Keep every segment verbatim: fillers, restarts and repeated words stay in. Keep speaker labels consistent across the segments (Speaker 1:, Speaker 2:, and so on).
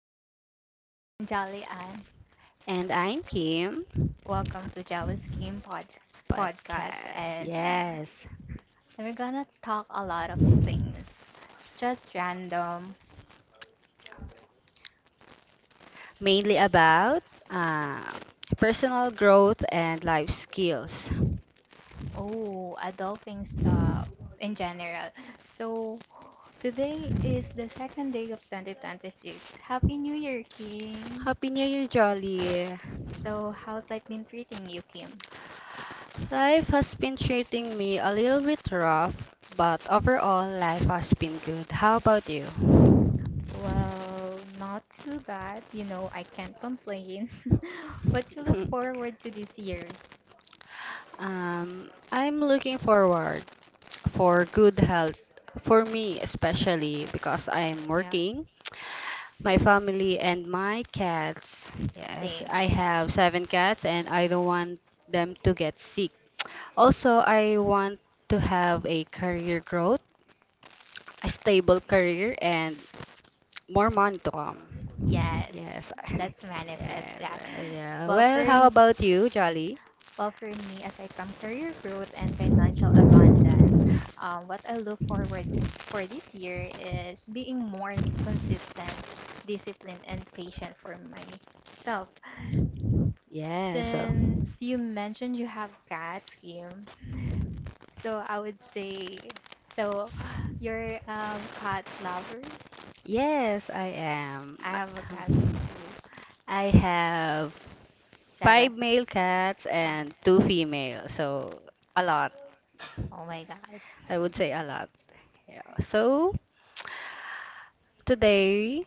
Speaker 1: everyone. I'm Jolly Ann.
Speaker 2: And I'm Kim.
Speaker 1: Welcome to Jolly Skin Pod- Podcast,
Speaker 2: Podcast,
Speaker 1: and
Speaker 2: yes.
Speaker 1: we're gonna talk a lot of things, just random,
Speaker 2: Mainly about um, personal growth and life skills.
Speaker 1: oh, adulting stuff in general. So today is the second day of twenty twenty-six. Happy New Year, Kim.
Speaker 2: Happy New Year, Jolly.
Speaker 1: So how's life been treating you, Kim?
Speaker 2: Life has been treating me a little bit rough, but overall, life has been good. How about you?
Speaker 1: Well, not too bad. You know, I can't complain. What you look forward to this year?
Speaker 2: Um, I'm looking forward for good health for me especially because I'm
Speaker 1: Yeah.
Speaker 2: working. My family and my cats. Yes,
Speaker 1: Same.
Speaker 2: I have seven cats and I don't want them to get sick. Also, I want to have a career growth, a stable career, and more money to come. Yes.
Speaker 1: Yes. Let's manifest
Speaker 2: Yes.
Speaker 1: that.
Speaker 2: uh, Yeah.
Speaker 1: Well, for
Speaker 2: Well, how
Speaker 1: m-
Speaker 2: about you, Jolly?
Speaker 1: well for me, aside from career growth and financial abundance, um, what I look forward for this year is being more consistent, disciplined, and patient for myself.
Speaker 2: Yes. so-
Speaker 1: Since you mentioned you have cat scheme, so I would say, so you're um, cat lovers.
Speaker 2: Yes, I am.
Speaker 1: I have a cat
Speaker 2: Um,
Speaker 1: too.
Speaker 2: I have five
Speaker 1: Seven.
Speaker 2: male cats
Speaker 1: Ah,
Speaker 2: and two female, so a lot.
Speaker 1: oh my God.
Speaker 2: I would say a lot. Yeah. So today,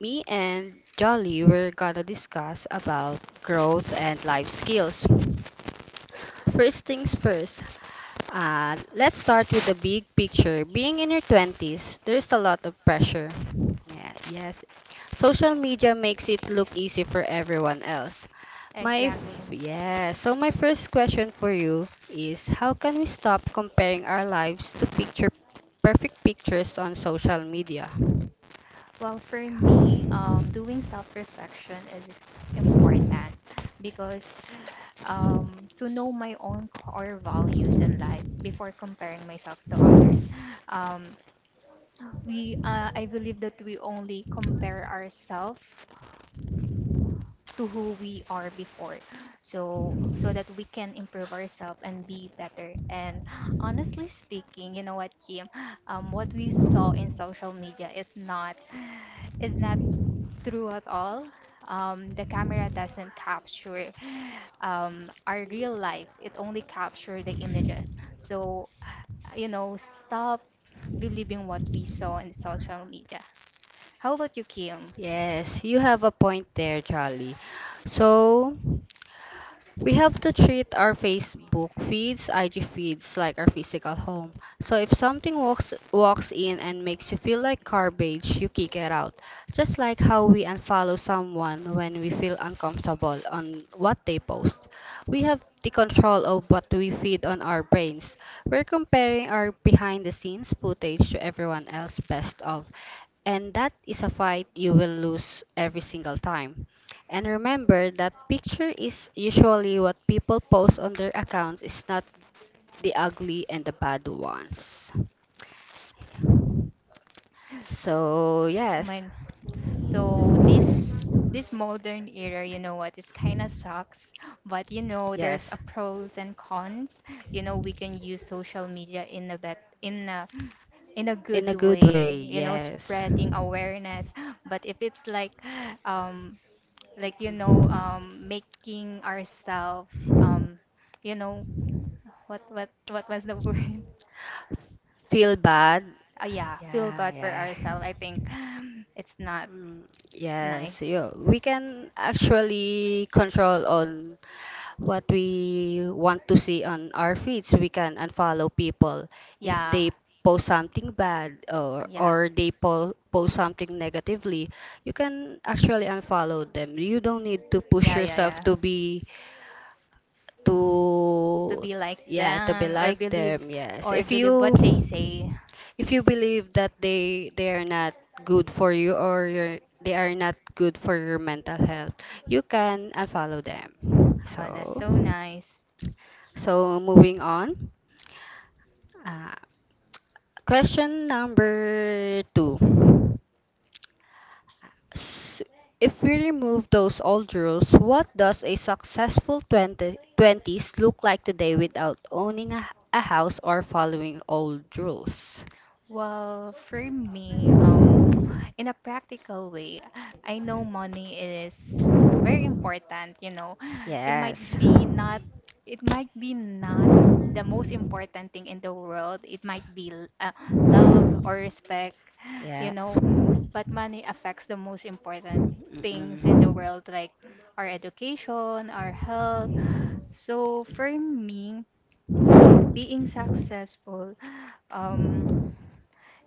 Speaker 2: me and Jolly we're gonna discuss about growth and life skills. First things first. Uh, let's start with the big picture. Being in your twenties, there's a lot of pressure. Yeah. Yes. Social media makes it look easy for everyone else. My f-
Speaker 1: Exactly.
Speaker 2: yeah. So my first question for you is, how can we stop comparing our lives to picture perfect pictures on social media?
Speaker 1: Well, for me, um, doing self-reflection is important because um, to know my own core values in life before comparing myself to others. Um, we, uh, I believe that we only compare ourselves to who we are before, so so that we can improve ourselves and be better. And honestly speaking, you know what, Kim, um, what we saw in social media is not is not through it all, um, the camera doesn't capture um, our real life. It only captures the images. So, you know, stop believing what we saw in social media. How about you, Kim?
Speaker 2: Yes, you have a point there, Jolly. So, we have to treat our Facebook feeds, I G feeds like our physical home. So, if something walks walks in and makes you feel like garbage, you kick it out. Just like how we unfollow someone when we feel uncomfortable on what they post. We have the control of what we feed on our brains. We're comparing our behind the scenes footage to everyone else best of, and that is a fight you will lose every single time. And remember that picture is usually what people post on their accounts is not the ugly and the bad ones. So,
Speaker 1: Oh
Speaker 2: yes.
Speaker 1: my, so this this modern era, you know what, it's kind of sucks, but you know, there's
Speaker 2: Yes.
Speaker 1: a pros and cons. You know, we can use social media in a bet in a in a
Speaker 2: In
Speaker 1: good
Speaker 2: a good way.
Speaker 1: way, you know,
Speaker 2: Yes.
Speaker 1: spreading awareness but if it's like um like, you know, um making ourselves um you know, what what what was the word?
Speaker 2: Feel bad.
Speaker 1: Uh, yeah, feel
Speaker 2: Yeah,
Speaker 1: bad for
Speaker 2: yeah.
Speaker 1: ourselves, I think. It's not
Speaker 2: Mm, yes,
Speaker 1: nice.
Speaker 2: you, we can actually control on what we want to see on our feeds, we can unfollow people if
Speaker 1: Yeah,
Speaker 2: they post something bad or
Speaker 1: yeah,
Speaker 2: or they po post something negatively. You can actually unfollow them. You don't need to push
Speaker 1: yeah. Yeah,
Speaker 2: yourself
Speaker 1: yeah,
Speaker 2: to be.
Speaker 1: to
Speaker 2: To
Speaker 1: be like
Speaker 2: yeah to be
Speaker 1: them or
Speaker 2: like
Speaker 1: believe,
Speaker 2: them. Yes,
Speaker 1: or
Speaker 2: if
Speaker 1: believe
Speaker 2: you
Speaker 1: what they say.
Speaker 2: if you believe that they they are not good for you or your, they are not good for your mental health, you can unfollow them.
Speaker 1: Oh, that's
Speaker 2: So.
Speaker 1: so nice.
Speaker 2: So moving on, uh, question number two. S- If we remove those old rules, what does a successful twenty twenties look like today without owning a, a house or following old rules?
Speaker 1: Well, for me, um, in a practical way, I know money is very important, you know. It
Speaker 2: Yes.
Speaker 1: might be not it might be not the most important thing in the world. It might be l- uh, love or respect, you
Speaker 2: Yes.
Speaker 1: know,
Speaker 2: Mm-mm.
Speaker 1: but money affects the most important things in the world like our education, our health. So for me, being successful, um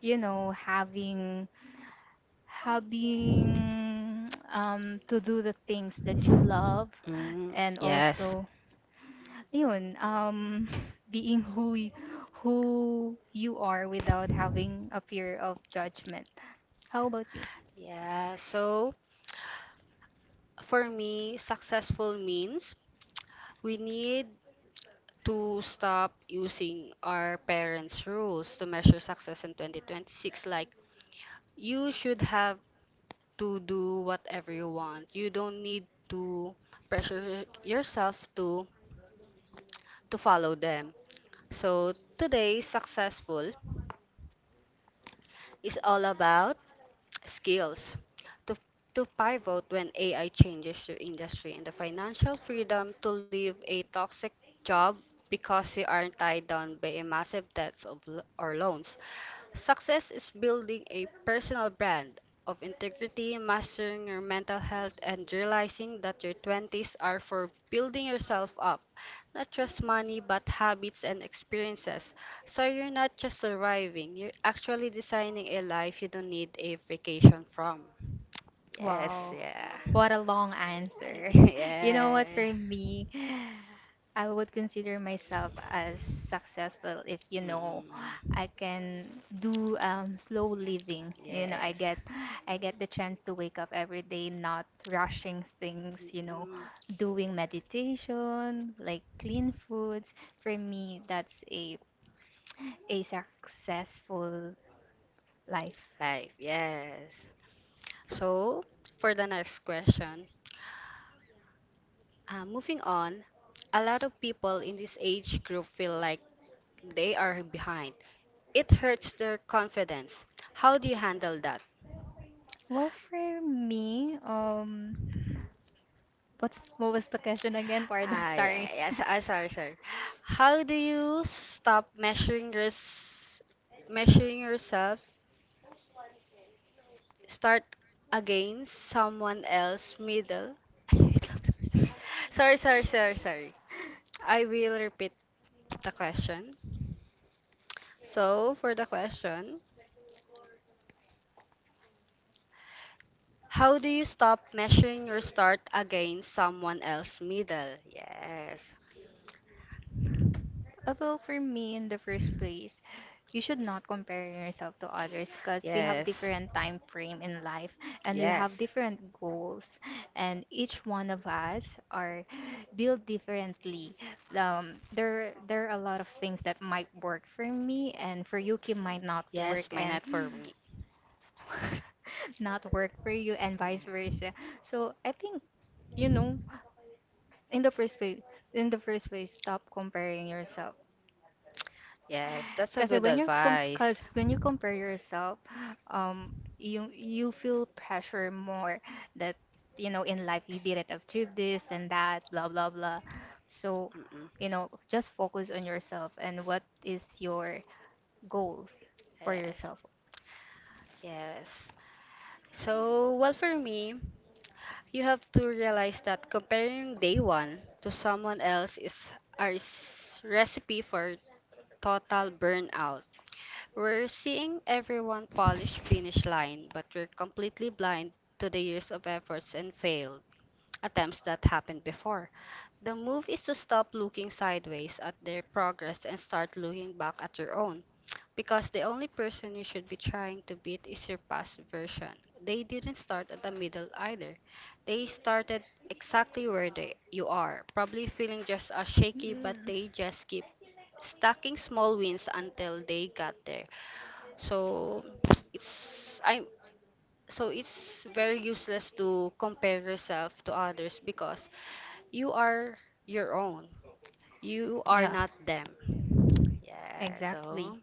Speaker 1: you know, having having um to do the things that you love,
Speaker 2: Mm,
Speaker 1: and
Speaker 2: yes.
Speaker 1: also yun um being who y- who you are without having a fear of judgment. How about you?
Speaker 2: Yeah, so for me, successful means we need to stop using our parents' rules to measure success in twenty twenty-six. Like, you should have to do whatever you want. You don't need to pressure yourself to to follow them. So today, successful is all about skills. To to pivot when A I changes your industry and the financial freedom to leave a toxic job because you aren't tied down by a massive debts of, l- or loans. Success is building a personal brand of integrity, mastering your mental health, and realizing that your twenties are for building yourself up. Not just money, but habits and experiences. So you're not just surviving, you're actually designing a life you don't need a vacation from. Yes,
Speaker 1: Wow.
Speaker 2: yeah.
Speaker 1: What a long answer. You know what,
Speaker 2: yeah.
Speaker 1: for me, I would consider myself as successful if, you know,
Speaker 2: Mm,
Speaker 1: I can do um, slow living. You know, I
Speaker 2: yes.
Speaker 1: get I get the chance to wake up every day not rushing things, you know,
Speaker 2: Mm,
Speaker 1: doing meditation, like clean foods. For me, that's a a successful life.
Speaker 2: life, yes. So, for the next question, uh, moving on, a lot of people in this age group feel like they are behind. It hurts their confidence. How do you handle that?
Speaker 1: Well, for me, um what's what was the question again? Pardon,
Speaker 2: Ah, yeah,
Speaker 1: sorry.
Speaker 2: yes, ah, sorry, sorry. How do you stop measuring yours, measuring yourself, start against someone else middle? sorry, sorry, sorry, sorry. I will repeat the question. So, for the question, how do you stop measuring your start against someone else's middle? Yes.
Speaker 1: Uh, Well, for me, in the first place, you should not compare yourself to others because we have
Speaker 2: Yes.
Speaker 1: different time frame in life and we
Speaker 2: Yes.
Speaker 1: have different goals, and each one of us are built differently. Um, there there are a lot of things that might work for me and for Yuki might not work
Speaker 2: Yes, may
Speaker 1: and
Speaker 2: not for me.
Speaker 1: not work for you and vice versa. So I think, you know, in the first place in the first place stop comparing yourself.
Speaker 2: Yes, that's a
Speaker 1: Kasi
Speaker 2: good
Speaker 1: when you com
Speaker 2: advice.
Speaker 1: Because when
Speaker 2: Mm-mm.
Speaker 1: you compare yourself, um you you feel pressure more that, you know, in life you didn't achieve this and that, blah blah blah. So, you know, just focus on yourself and what is your goals for
Speaker 2: Yes.
Speaker 1: yourself.
Speaker 2: Yes. So, well, for me, you have to realize that comparing day one to someone else is a recipe for total burnout. We're seeing everyone polish finish line, but we're completely blind to the years of efforts and failed attempts that happened before. The move is to stop looking sideways at their progress and start looking back at your own. Because the only person you should be trying to beat is your past version. They didn't start at the middle either. They started exactly where they, you are, probably feeling just as shaky, but
Speaker 1: Mm.
Speaker 2: they just keep stacking small wins until they got there. So it's I'm so it's very useless to compare yourself to others because you are your own. You are
Speaker 1: Yeah,
Speaker 2: not them. Yeah, so
Speaker 1: exactly.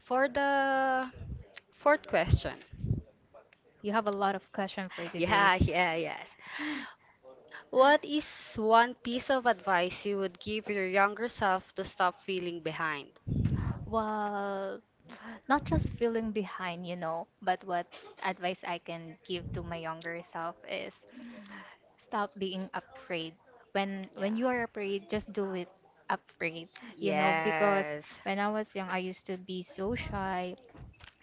Speaker 2: for the fourth question.
Speaker 1: You have a lot of questions for today.
Speaker 2: Yeah, yeah, yes. What is one piece of advice you would give your younger self to stop feeling behind?
Speaker 1: Well, not just feeling behind, you know, but what advice I can give to my younger self is stop being afraid. When when you are
Speaker 2: Yeah.
Speaker 1: afraid, just do it afraid, you know, because
Speaker 2: Yes.
Speaker 1: when I was young, I used to be so shy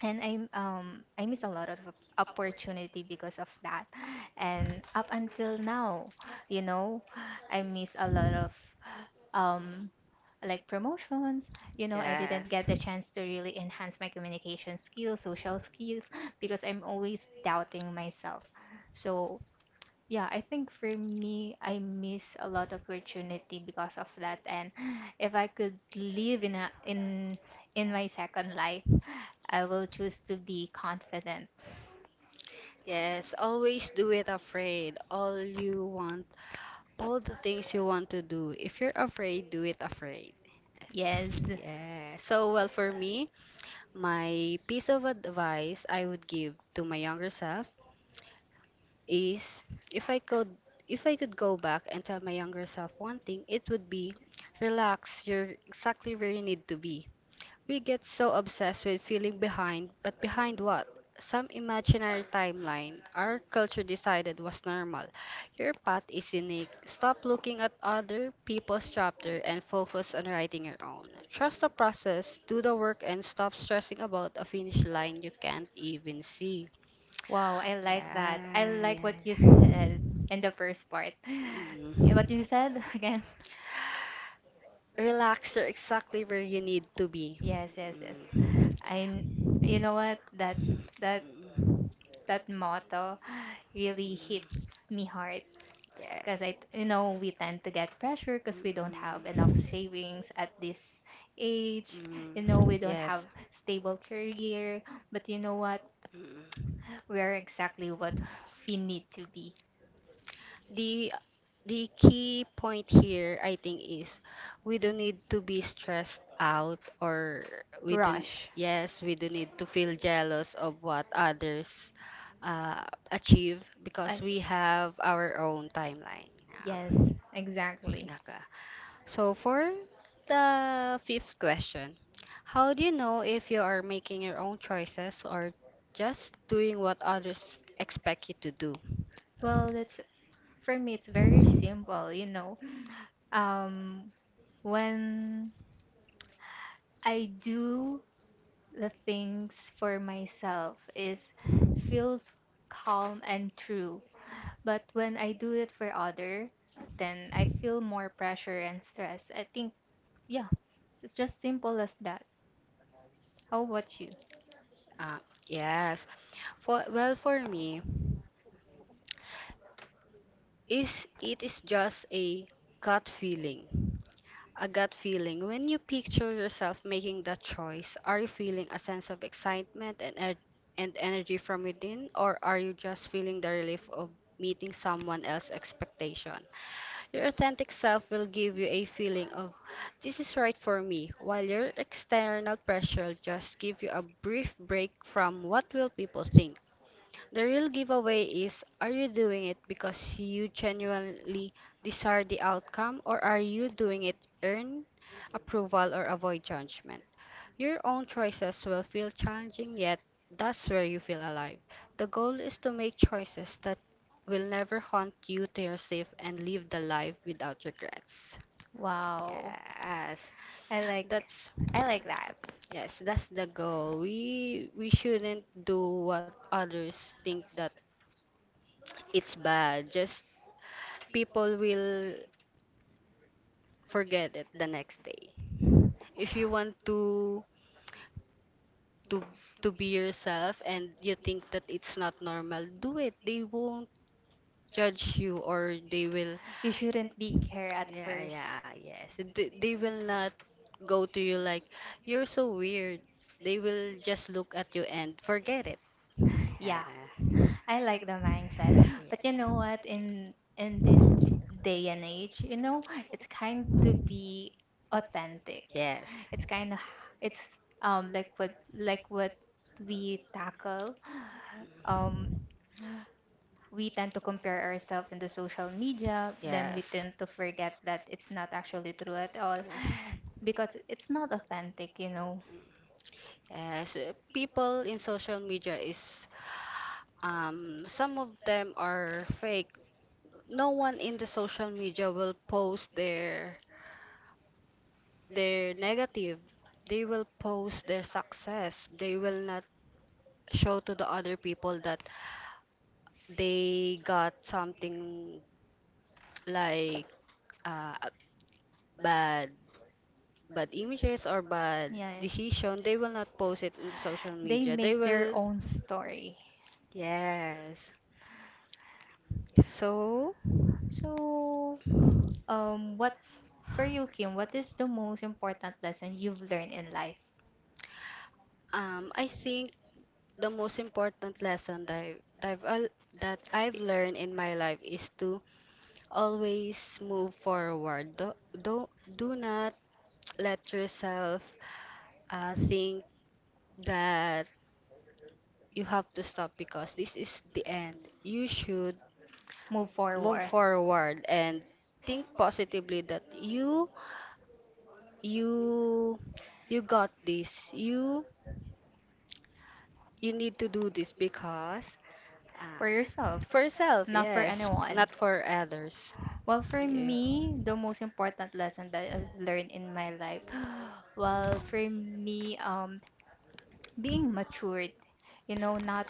Speaker 1: and I um I miss a lot of op- opportunity because of that. And up until now, you know, I miss a lot of um like promotions, you know, I
Speaker 2: Yes.
Speaker 1: didn't get the chance to really enhance my communication skills, social skills, because I'm always doubting myself. So yeah, I think for me I miss a lot of opportunity because of that, and if I could live in a in in my second life, I will choose to be confident.
Speaker 2: Yes, always do it afraid. All you want, all the things you want to do. If you're afraid, do it afraid.
Speaker 1: Yes,
Speaker 2: Yeah. So, well, for me, my piece of advice I would give to my younger self is if I could if I could go back and tell my younger self one thing, it would be relax, you're exactly where you need to be. We get so obsessed with feeling behind, but behind what? Some imaginary timeline our culture decided was normal. Your path is unique. Stop looking at other people's chapter and focus on writing your own. Trust the process, do the work, and stop stressing about a finish line you can't even see.
Speaker 1: wow, I like that. I like
Speaker 2: Yeah,
Speaker 1: what you
Speaker 2: yeah.
Speaker 1: said in the first part. Yeah, what you said.
Speaker 2: Mm.
Speaker 1: Again.
Speaker 2: Relaxer, exactly where you need to be.
Speaker 1: Yes, yes, yes.
Speaker 2: Mm.
Speaker 1: I, n- you know what? That that that motto really hits me hard, because I, you know, we tend to get pressure because we don't have enough savings at this age. You know,
Speaker 2: Mm.
Speaker 1: we don't have
Speaker 2: Yes.
Speaker 1: stable career, but you know what?
Speaker 2: Mm. Mm. Yes. Mm.
Speaker 1: We're exactly what we need to be.
Speaker 2: The the key point here, I think, is we don't need to be stressed out or we don't,
Speaker 1: Rush.
Speaker 2: yes, we don't need to feel jealous of what others uh, achieve
Speaker 1: I,
Speaker 2: because we have our own timeline.
Speaker 1: Yes,
Speaker 2: Yeah.
Speaker 1: exactly.
Speaker 2: Naka. So for the fifth question, how do you know if you are making your own choices or just doing what others expect you to do?
Speaker 1: Well, that's, for me, it's very simple, you know. Um, when I do the things for myself is feels calm and true. But when I do it for other, then I feel more pressure and stress. I think, yeah, it's just simple as that. How about you?
Speaker 2: Uh, yes. For well, for me, is it is just a gut feeling. A gut feeling. When you picture yourself making that choice, are you feeling a sense of excitement and er- and energy from within, or are you just feeling the relief of meeting someone else's expectation? Your authentic self will give you a feeling of this is right for me, while your external pressure just give you a brief break from what will people think. The real giveaway is are you doing it because you genuinely desire the outcome or are you doing it earn approval or avoid judgment? Your own choices will feel challenging yet that's where you feel alive. The goal is to make choices that will never haunt you to your safe and live the life without regrets.
Speaker 1: Wow.
Speaker 2: Yes.
Speaker 1: I like
Speaker 2: That's
Speaker 1: I like that.
Speaker 2: yes, that's the goal. We we shouldn't do what others think that it's bad. Just people will forget it the next day. If you want to to to be yourself and you think that it's not normal, do it. They won't judge you or they will
Speaker 1: You shouldn't be care at
Speaker 2: yeah,
Speaker 1: first.
Speaker 2: yeah, yes. Th- They will not go to you like you're so weird. They will just look at you and forget it.
Speaker 1: Yeah.
Speaker 2: Yeah.
Speaker 1: I like the mindset. But you know what? In in this d- day and age, you know, it's kind to be authentic.
Speaker 2: Yes. Yes.
Speaker 1: It's kind of it's um like what, like what we tackle. Um, we tend to compare ourselves into social media, then we
Speaker 2: Yes.
Speaker 1: tend to forget that it's not actually true at all, because it's not authentic, you know.
Speaker 2: Mm. Yes, uh, people in social media is um some of them are fake. No one in the social media will post their their negative. They will post their success. They will not show to the other people that they got something like uh, bad bad images or bad
Speaker 1: Yeah.
Speaker 2: decision. They will not post it in the social
Speaker 1: They
Speaker 2: media. They
Speaker 1: make their
Speaker 2: will.
Speaker 1: own story.
Speaker 2: Yes. So,
Speaker 1: So, um, what for you, Kim? What is the most important lesson you've learned in life?
Speaker 2: um, I think the most important lesson that, I- that, I've, al- that I've learned in my life is to always move forward. Do, do, do not let yourself uh, think that you have to stop because this is the end. You should
Speaker 1: Move forward
Speaker 2: forward and think positively that you you you got this you you need to do this because Uh,
Speaker 1: for yourself,
Speaker 2: for yourself,
Speaker 1: not for
Speaker 2: yes,
Speaker 1: anyone.
Speaker 2: not for others.
Speaker 1: Well, for
Speaker 2: Yeah.
Speaker 1: me, the most important lesson that I've learned in my life, well, for me, um, being matured, you know, not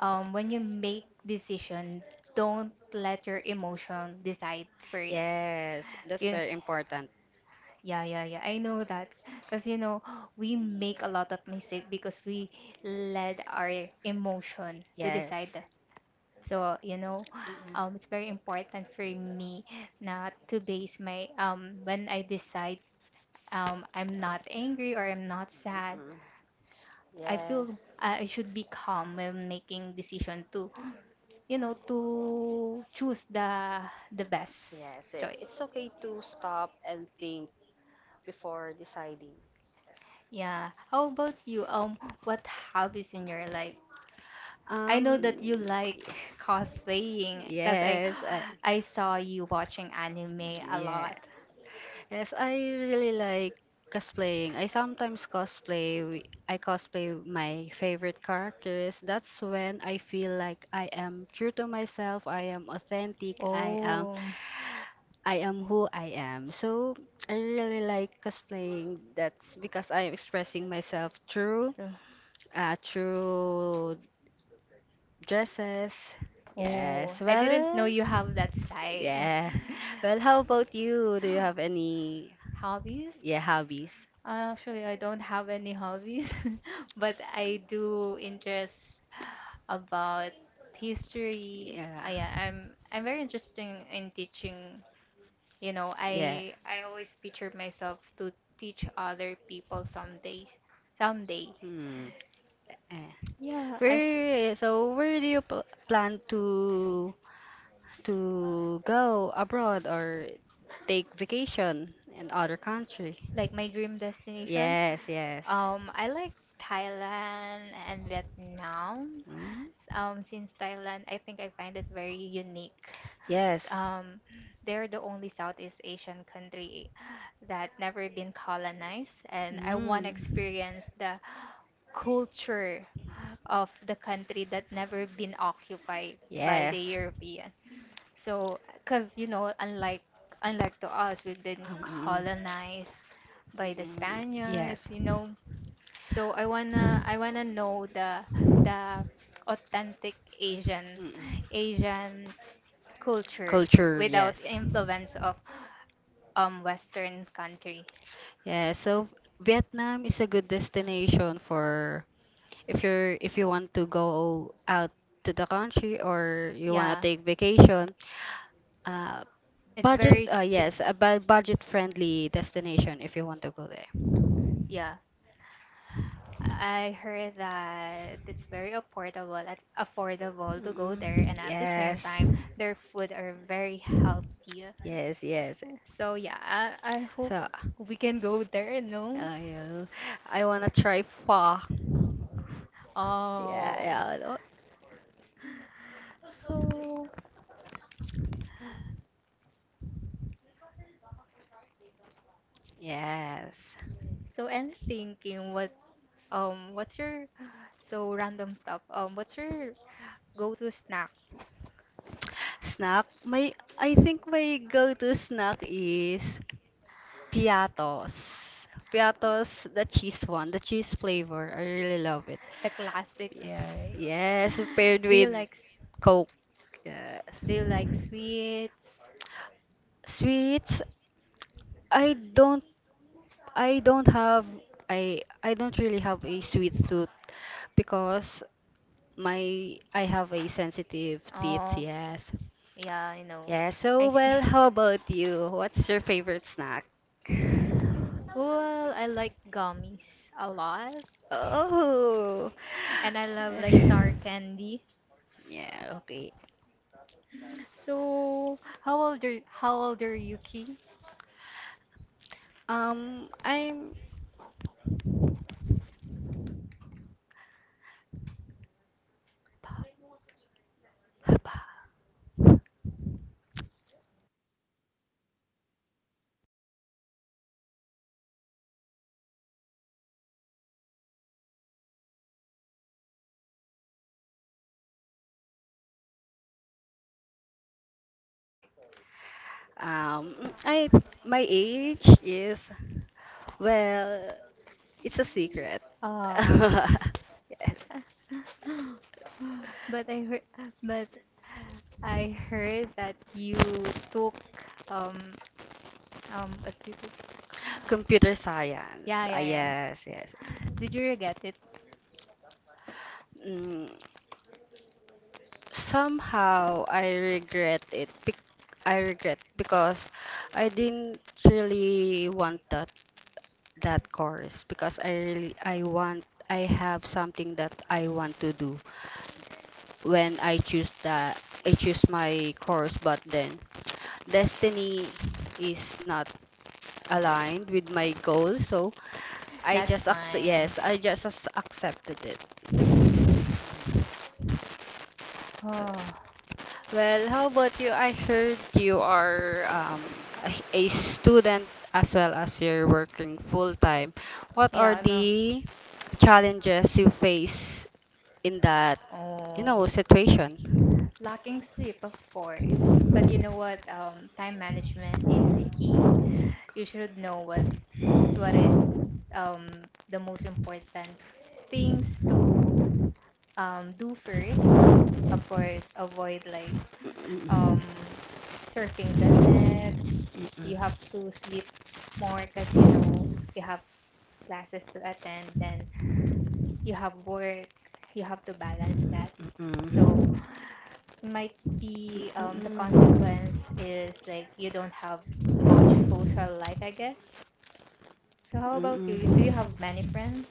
Speaker 1: um, when you make decision, don't let your emotion decide for it.
Speaker 2: Yes, that's
Speaker 1: You,
Speaker 2: very important.
Speaker 1: Yeah, yeah, yeah. I know that. Because, you know, we make a lot of mistake because we let our emotion to
Speaker 2: Yes.
Speaker 1: decide. So, you know,
Speaker 2: Uh-uh. Mm-mm.
Speaker 1: um, it's very important for me not to base my, um, when I decide um, I'm not angry or I'm not sad. I
Speaker 2: Yes.
Speaker 1: feel I I should be calm when making decision to, you know, to choose the the best
Speaker 2: Yes, i-
Speaker 1: choice.
Speaker 2: it's okay to stop and think before deciding.
Speaker 1: Yeah. How about you? Um, what hobbies in your life? I know that you
Speaker 2: Um,
Speaker 1: like cosplaying, because I
Speaker 2: yes, I,
Speaker 1: I saw you watching anime a
Speaker 2: yeah.
Speaker 1: lot.
Speaker 2: Yes, I really like cosplaying. I sometimes cosplay. wi- I cosplay my favorite characters. That's when I feel like I am true to myself. I am authentic. I am
Speaker 1: Oh.
Speaker 2: I am who I am. So I really like cosplaying. That's because I am expressing myself through
Speaker 1: So,
Speaker 2: uh, through Dresses.
Speaker 1: oh,
Speaker 2: Yes.
Speaker 1: I didn't know
Speaker 2: Well,
Speaker 1: you have that side.
Speaker 2: yeah. Well, how about you? Do you have any
Speaker 1: Hobbies?
Speaker 2: yeah hobbies?
Speaker 1: Uh, Actually, I don't have any hobbies, but I do interest about history.
Speaker 2: Yeah.
Speaker 1: Uh, yeah, I'm I'm very interested in teaching. You know,
Speaker 2: Yeah.
Speaker 1: I I always picture myself to teach other people someday. Someday.
Speaker 2: Hmm. Eh.
Speaker 1: Yeah, I
Speaker 2: Where so where do you pl plan to to go abroad or take vacation in other country?
Speaker 1: like my dream destination.
Speaker 2: Yes, yes.
Speaker 1: Um, I like Thailand and Vietnam.
Speaker 2: Mm?
Speaker 1: Um, since Thailand, I think I find it very unique.
Speaker 2: Yes.
Speaker 1: Um, they're the only Southeast Asian country that never been colonized, and I
Speaker 2: Mm.
Speaker 1: want to experience the culture of the country that never been occupied by the
Speaker 2: Yes.
Speaker 1: European. So, because you know, unlike unlike to us, we've been
Speaker 2: Um, mm, mm,
Speaker 1: colonized by the
Speaker 2: mm,
Speaker 1: Spaniards,
Speaker 2: yes.
Speaker 1: you
Speaker 2: Mm-mm.
Speaker 1: know. So I wanna I wanna know the the authentic Asian Asian culture
Speaker 2: Culture,
Speaker 1: without
Speaker 2: yes.
Speaker 1: influence of um Western country.
Speaker 2: Yeah, so Vietnam is a good destination for if you're if you want to go out to the country or you want to
Speaker 1: Yeah,
Speaker 2: take vacation. Uh,
Speaker 1: it's
Speaker 2: Budget,
Speaker 1: very
Speaker 2: uh,
Speaker 1: ch-
Speaker 2: yes, a bu- budget-friendly destination if you want to go there.
Speaker 1: yeah. I heard that it's very affordable at affordable to go there,
Speaker 2: Mm-mm.
Speaker 1: and at the same
Speaker 2: Yes.
Speaker 1: time, their food are very healthy.
Speaker 2: Yes, yes.
Speaker 1: So yeah, I, I hope
Speaker 2: So, uh,
Speaker 1: we can go there. No,
Speaker 2: yeah, I wanna try pho. Yeah,
Speaker 1: oh,
Speaker 2: yeah. oh,
Speaker 1: so
Speaker 2: Yes.
Speaker 1: so I'm thinking what, um what's your so random stuff um what's your go-to snack?
Speaker 2: Snack. My I think my go-to snack is Piatos. Piatos, the cheese one, the cheese flavor. I really love it.
Speaker 1: The classic.
Speaker 2: Yeah, yes, paired
Speaker 1: Do you
Speaker 2: with
Speaker 1: like
Speaker 2: Coke. Yeah.
Speaker 1: do you like sweets?
Speaker 2: Sweets, I don't I don't have I I don't really have a sweet tooth because my I have a sensitive teeth,
Speaker 1: Oh,
Speaker 2: yes.
Speaker 1: yeah, I know.
Speaker 2: Yeah,
Speaker 1: I
Speaker 2: so
Speaker 1: see.
Speaker 2: well, how about you? What's your favorite snack?
Speaker 1: Well, I like gummies a lot,
Speaker 2: Oh.
Speaker 1: and I love like sour candy.
Speaker 2: Yeah, okay.
Speaker 1: So, how old are how old are you, Key?
Speaker 2: Um, I'm um I My age is well, it's a secret.
Speaker 1: Ah,
Speaker 2: Yes.
Speaker 1: but I heard but I heard that you took um um what did you-
Speaker 2: Computer science.
Speaker 1: yeah,
Speaker 2: Ah,
Speaker 1: yeah, yeah.
Speaker 2: yes, yes.
Speaker 1: Did you regret it?
Speaker 2: Mm, somehow I regret it. bec- I regret because I didn't really want that that course because I really I want I have something that I want to do when I choose that I choose my course, but then destiny is not aligned with my goal, so I
Speaker 1: That's
Speaker 2: just accept
Speaker 1: fine.
Speaker 2: yes I just as- accepted it.
Speaker 1: Oh.
Speaker 2: Well, how about you? I heard you are um, a a student as well as you're working full time. What
Speaker 1: Yeah,
Speaker 2: are
Speaker 1: I'm a
Speaker 2: the challenges you face in that, you know,
Speaker 1: Oh,
Speaker 2: situation?
Speaker 1: lacking sleep, of course. But you know what? Um, time management is key. You should know what what is um the most important things to um do first. Of course, avoid like um
Speaker 2: Mm-mm.
Speaker 1: surfing the net. You have
Speaker 2: Mm-mm.
Speaker 1: to sleep more, because you know you have classes to attend. Then you have work, you have to balance that. So
Speaker 2: Mm-mm.
Speaker 1: might be, um, the consequence is like you don't have much social life, I guess. So how about you?
Speaker 2: Mm-mm.
Speaker 1: You- Do you
Speaker 2: Mm-mm.
Speaker 1: have many friends?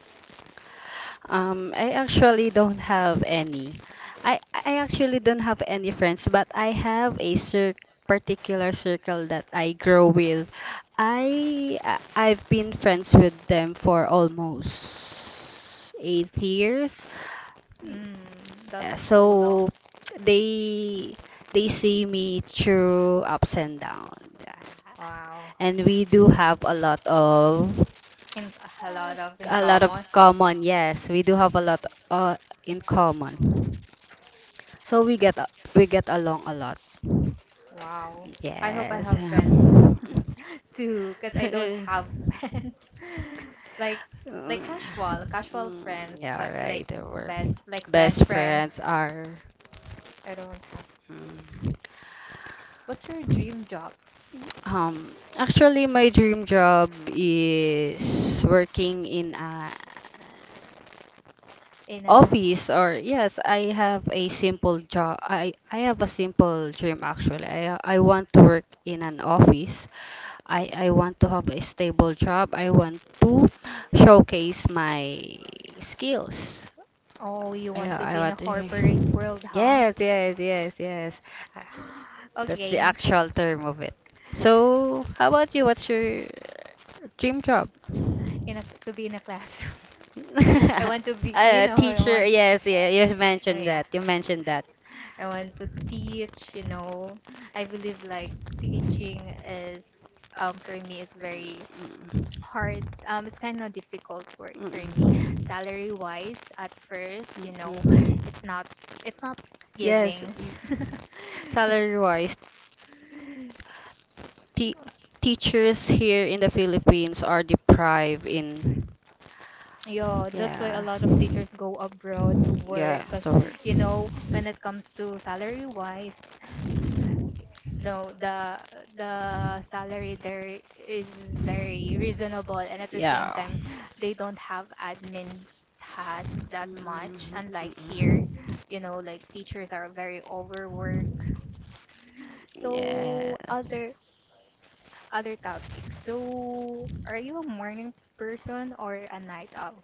Speaker 2: Um, I actually don't have any. I I actually don't have any friends, but I have a cir particular circle that I grow with. I I- I've been friends with them for almost eight years.
Speaker 1: Mm,
Speaker 2: Yeah,
Speaker 1: that's so low.
Speaker 2: so they they see me through ups and downs. Yeah.
Speaker 1: Wow.
Speaker 2: And we do have a lot of
Speaker 1: In a lot of in
Speaker 2: a lot of
Speaker 1: common.
Speaker 2: common. Yes, we do have a lot uh, in common. So we get a- we get along a lot.
Speaker 1: Wow. I hope I
Speaker 2: Yes.
Speaker 1: have friends too, because I don't have friends. Like
Speaker 2: Uh,
Speaker 1: like casual, casual
Speaker 2: mm,
Speaker 1: friends, but
Speaker 2: yeah,
Speaker 1: like
Speaker 2: right. They were
Speaker 1: best like friend
Speaker 2: best
Speaker 1: friends
Speaker 2: friends are.
Speaker 1: I don't have.
Speaker 2: Mm.
Speaker 1: What's your dream job?
Speaker 2: Um, actually, my dream job is working in a
Speaker 1: In a
Speaker 2: office, or yes, I have a simple job. I I have a simple dream actually. I I want to work in an office. I I want to have a stable job. I want to showcase my skills.
Speaker 1: Oh, you
Speaker 2: Yeah,
Speaker 1: want to
Speaker 2: I
Speaker 1: be in a
Speaker 2: want to.
Speaker 1: corporate world, huh?
Speaker 2: Yes, yes, yes, yes. Uh, that's
Speaker 1: Okay,
Speaker 2: the
Speaker 1: n-
Speaker 2: actual term of it. So, how about you? What's your dream job?
Speaker 1: in a to be in a classroom. I want to be, you
Speaker 2: A
Speaker 1: know, I
Speaker 2: teacher,
Speaker 1: want.
Speaker 2: yes, yeah, you
Speaker 1: Oh
Speaker 2: mentioned
Speaker 1: yeah,
Speaker 2: that. You mentioned that.
Speaker 1: I want to teach. You know, I believe like teaching is um for me is very hard. Um, it's kind of difficult work for me,
Speaker 2: Mm,
Speaker 1: salary wise. At first, you
Speaker 2: mm,
Speaker 1: know,
Speaker 2: mm.
Speaker 1: it's not it's not giving.
Speaker 2: Yes, mm. Salary-wise, te teachers here in the Philippines are deprived in
Speaker 1: Yeah, that's why a
Speaker 2: yeah,
Speaker 1: lot of teachers go abroad to work,
Speaker 2: yeah,
Speaker 1: because
Speaker 2: the
Speaker 1: you know when it comes to salary wise, no the the salary there is very reasonable, and at the same
Speaker 2: yeah.
Speaker 1: time they don't have admin tasks
Speaker 2: It
Speaker 1: that much,
Speaker 2: mm,
Speaker 1: unlike here, you know,
Speaker 2: mm-mm.
Speaker 1: like teachers are very overworked.
Speaker 2: So yeah.
Speaker 1: So other other topics. So are you a morning person or a night owl?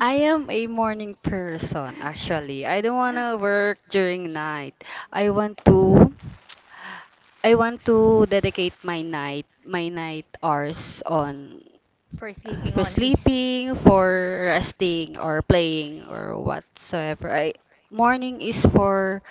Speaker 2: I am a morning person actually. I don't want to work during night. I want to I want to dedicate my night my night hours on
Speaker 1: for sleeping
Speaker 2: for
Speaker 1: only.
Speaker 2: sleeping, for resting or playing or whatsoever. I morning is for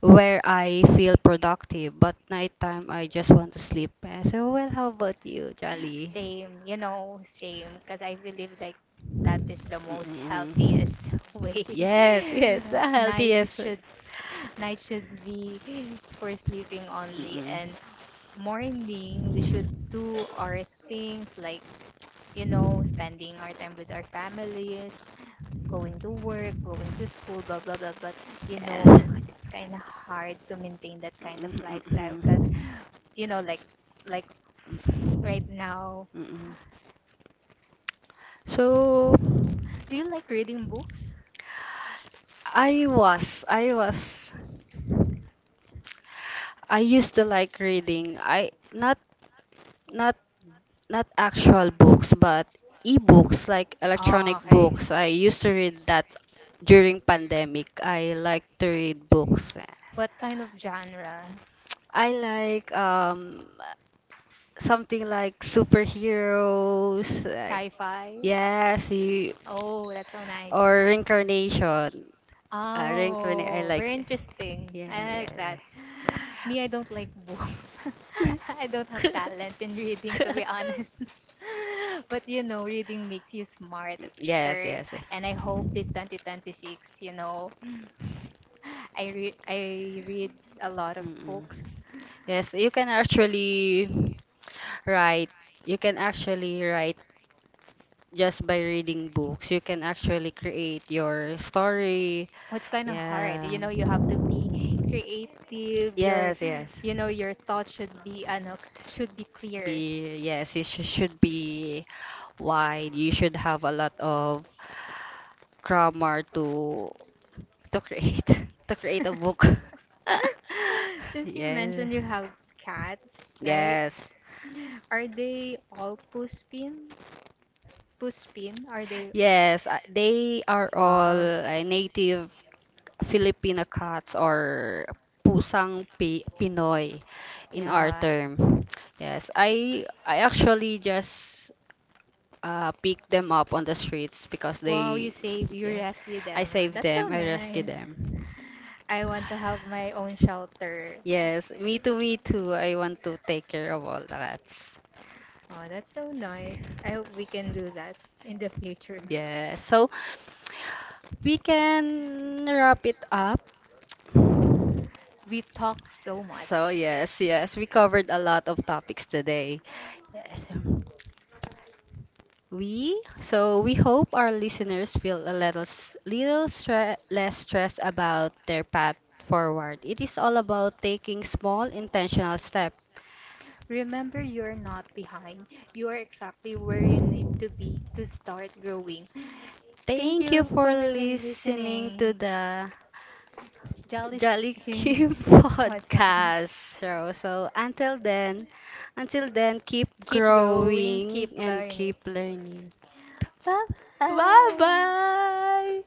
Speaker 2: where I feel productive, but nighttime I just want to sleep. Eh, so, well, how about you, Jolly?
Speaker 1: Same, you know, same. Because I believe like that is the most healthiest
Speaker 2: Mm-mm.
Speaker 1: way.
Speaker 2: Yes, yes, the
Speaker 1: night
Speaker 2: healthiest way.
Speaker 1: should night should be for sleeping only, and
Speaker 2: Mm-mm.
Speaker 1: morning we should do our things like, you know, spending our time with our families, going to work, going to school, blah blah blah. But you know
Speaker 2: Yes.
Speaker 1: it's kind of hard to maintain that kind of lifestyle because,
Speaker 2: Mm-mm.
Speaker 1: you know, like like right now.
Speaker 2: Mm-mm. So
Speaker 1: Do you like reading books?
Speaker 2: I was I was I used to like reading. I not not not actual books, but e-books, like
Speaker 1: Oh,
Speaker 2: electronic
Speaker 1: okay.
Speaker 2: books. I used to read that during pandemic. I like to read books.
Speaker 1: What kind of genre?
Speaker 2: I like um something like superheroes, like
Speaker 1: Sci-fi?
Speaker 2: yes, you,
Speaker 1: Oh, that's so nice.
Speaker 2: or reincarnation. Uh, reincarnate. I
Speaker 1: Oh, very
Speaker 2: like.
Speaker 1: interesting.
Speaker 2: Yeah,
Speaker 1: I like
Speaker 2: yeah.
Speaker 1: that. Me, I don't like books. I don't
Speaker 2: Yeah.
Speaker 1: have talent in reading, to be honest. But you know, reading makes you smarter.
Speaker 2: Yes, yes.
Speaker 1: And I hope this twenty twenty-six, you know, I read I read a lot of
Speaker 2: Mm-mm.
Speaker 1: books.
Speaker 2: Yes, you can actually write. You can actually write just by reading books. You can actually create your story.
Speaker 1: It's kind of hard. You
Speaker 2: Yeah.
Speaker 1: know, you have to be creative. Your,
Speaker 2: Yes, yes.
Speaker 1: you know, your thoughts should be, ano, should be clear.
Speaker 2: Be yes, it sh- should be wide. You should have a lot of grammar to to create to create a book.
Speaker 1: Since you
Speaker 2: Yes.
Speaker 1: mentioned you have cats, right?
Speaker 2: Yes.
Speaker 1: Are they all puspin? Puspin? Are they?
Speaker 2: Yes, uh, they are all
Speaker 1: Wow.
Speaker 2: uh, native Filipino cats, or pusang Pi Pinoy in our
Speaker 1: Yeah.
Speaker 2: term. Yes, I I actually just uh, pick them up on the streets because
Speaker 1: Wow, you
Speaker 2: they
Speaker 1: save, you
Speaker 2: yes,
Speaker 1: rescue
Speaker 2: I
Speaker 1: them.
Speaker 2: save
Speaker 1: That's so
Speaker 2: them, I rescue
Speaker 1: nice.
Speaker 2: them.
Speaker 1: I want to have my own shelter.
Speaker 2: Yes, me too, me too. I want to take care of all the cats.
Speaker 1: Oh, that's so nice. I hope we can do that in the future.
Speaker 2: Yeah, so we can wrap it up.
Speaker 1: We talk so
Speaker 2: So
Speaker 1: much.
Speaker 2: yes, yes, we covered a lot of topics today. Yes, um, we so we hope our listeners feel a little s- little stre- less stressed about their path forward. It is all about taking small intentional steps.
Speaker 1: Remember, you're not behind. You are exactly where you need to be to start growing. Thank
Speaker 2: Thank you
Speaker 1: you
Speaker 2: for
Speaker 1: for really
Speaker 2: listening to
Speaker 1: listening.
Speaker 2: the
Speaker 1: Jolly
Speaker 2: Jolly
Speaker 1: Skins
Speaker 2: Kim podcast.
Speaker 1: podcast.
Speaker 2: Podcast. So, so until then, until then, keep
Speaker 1: Keep growing,
Speaker 2: growing,
Speaker 1: keep
Speaker 2: and
Speaker 1: learning.
Speaker 2: keep learning.
Speaker 1: Bye
Speaker 2: Bye
Speaker 1: bye.
Speaker 2: bye.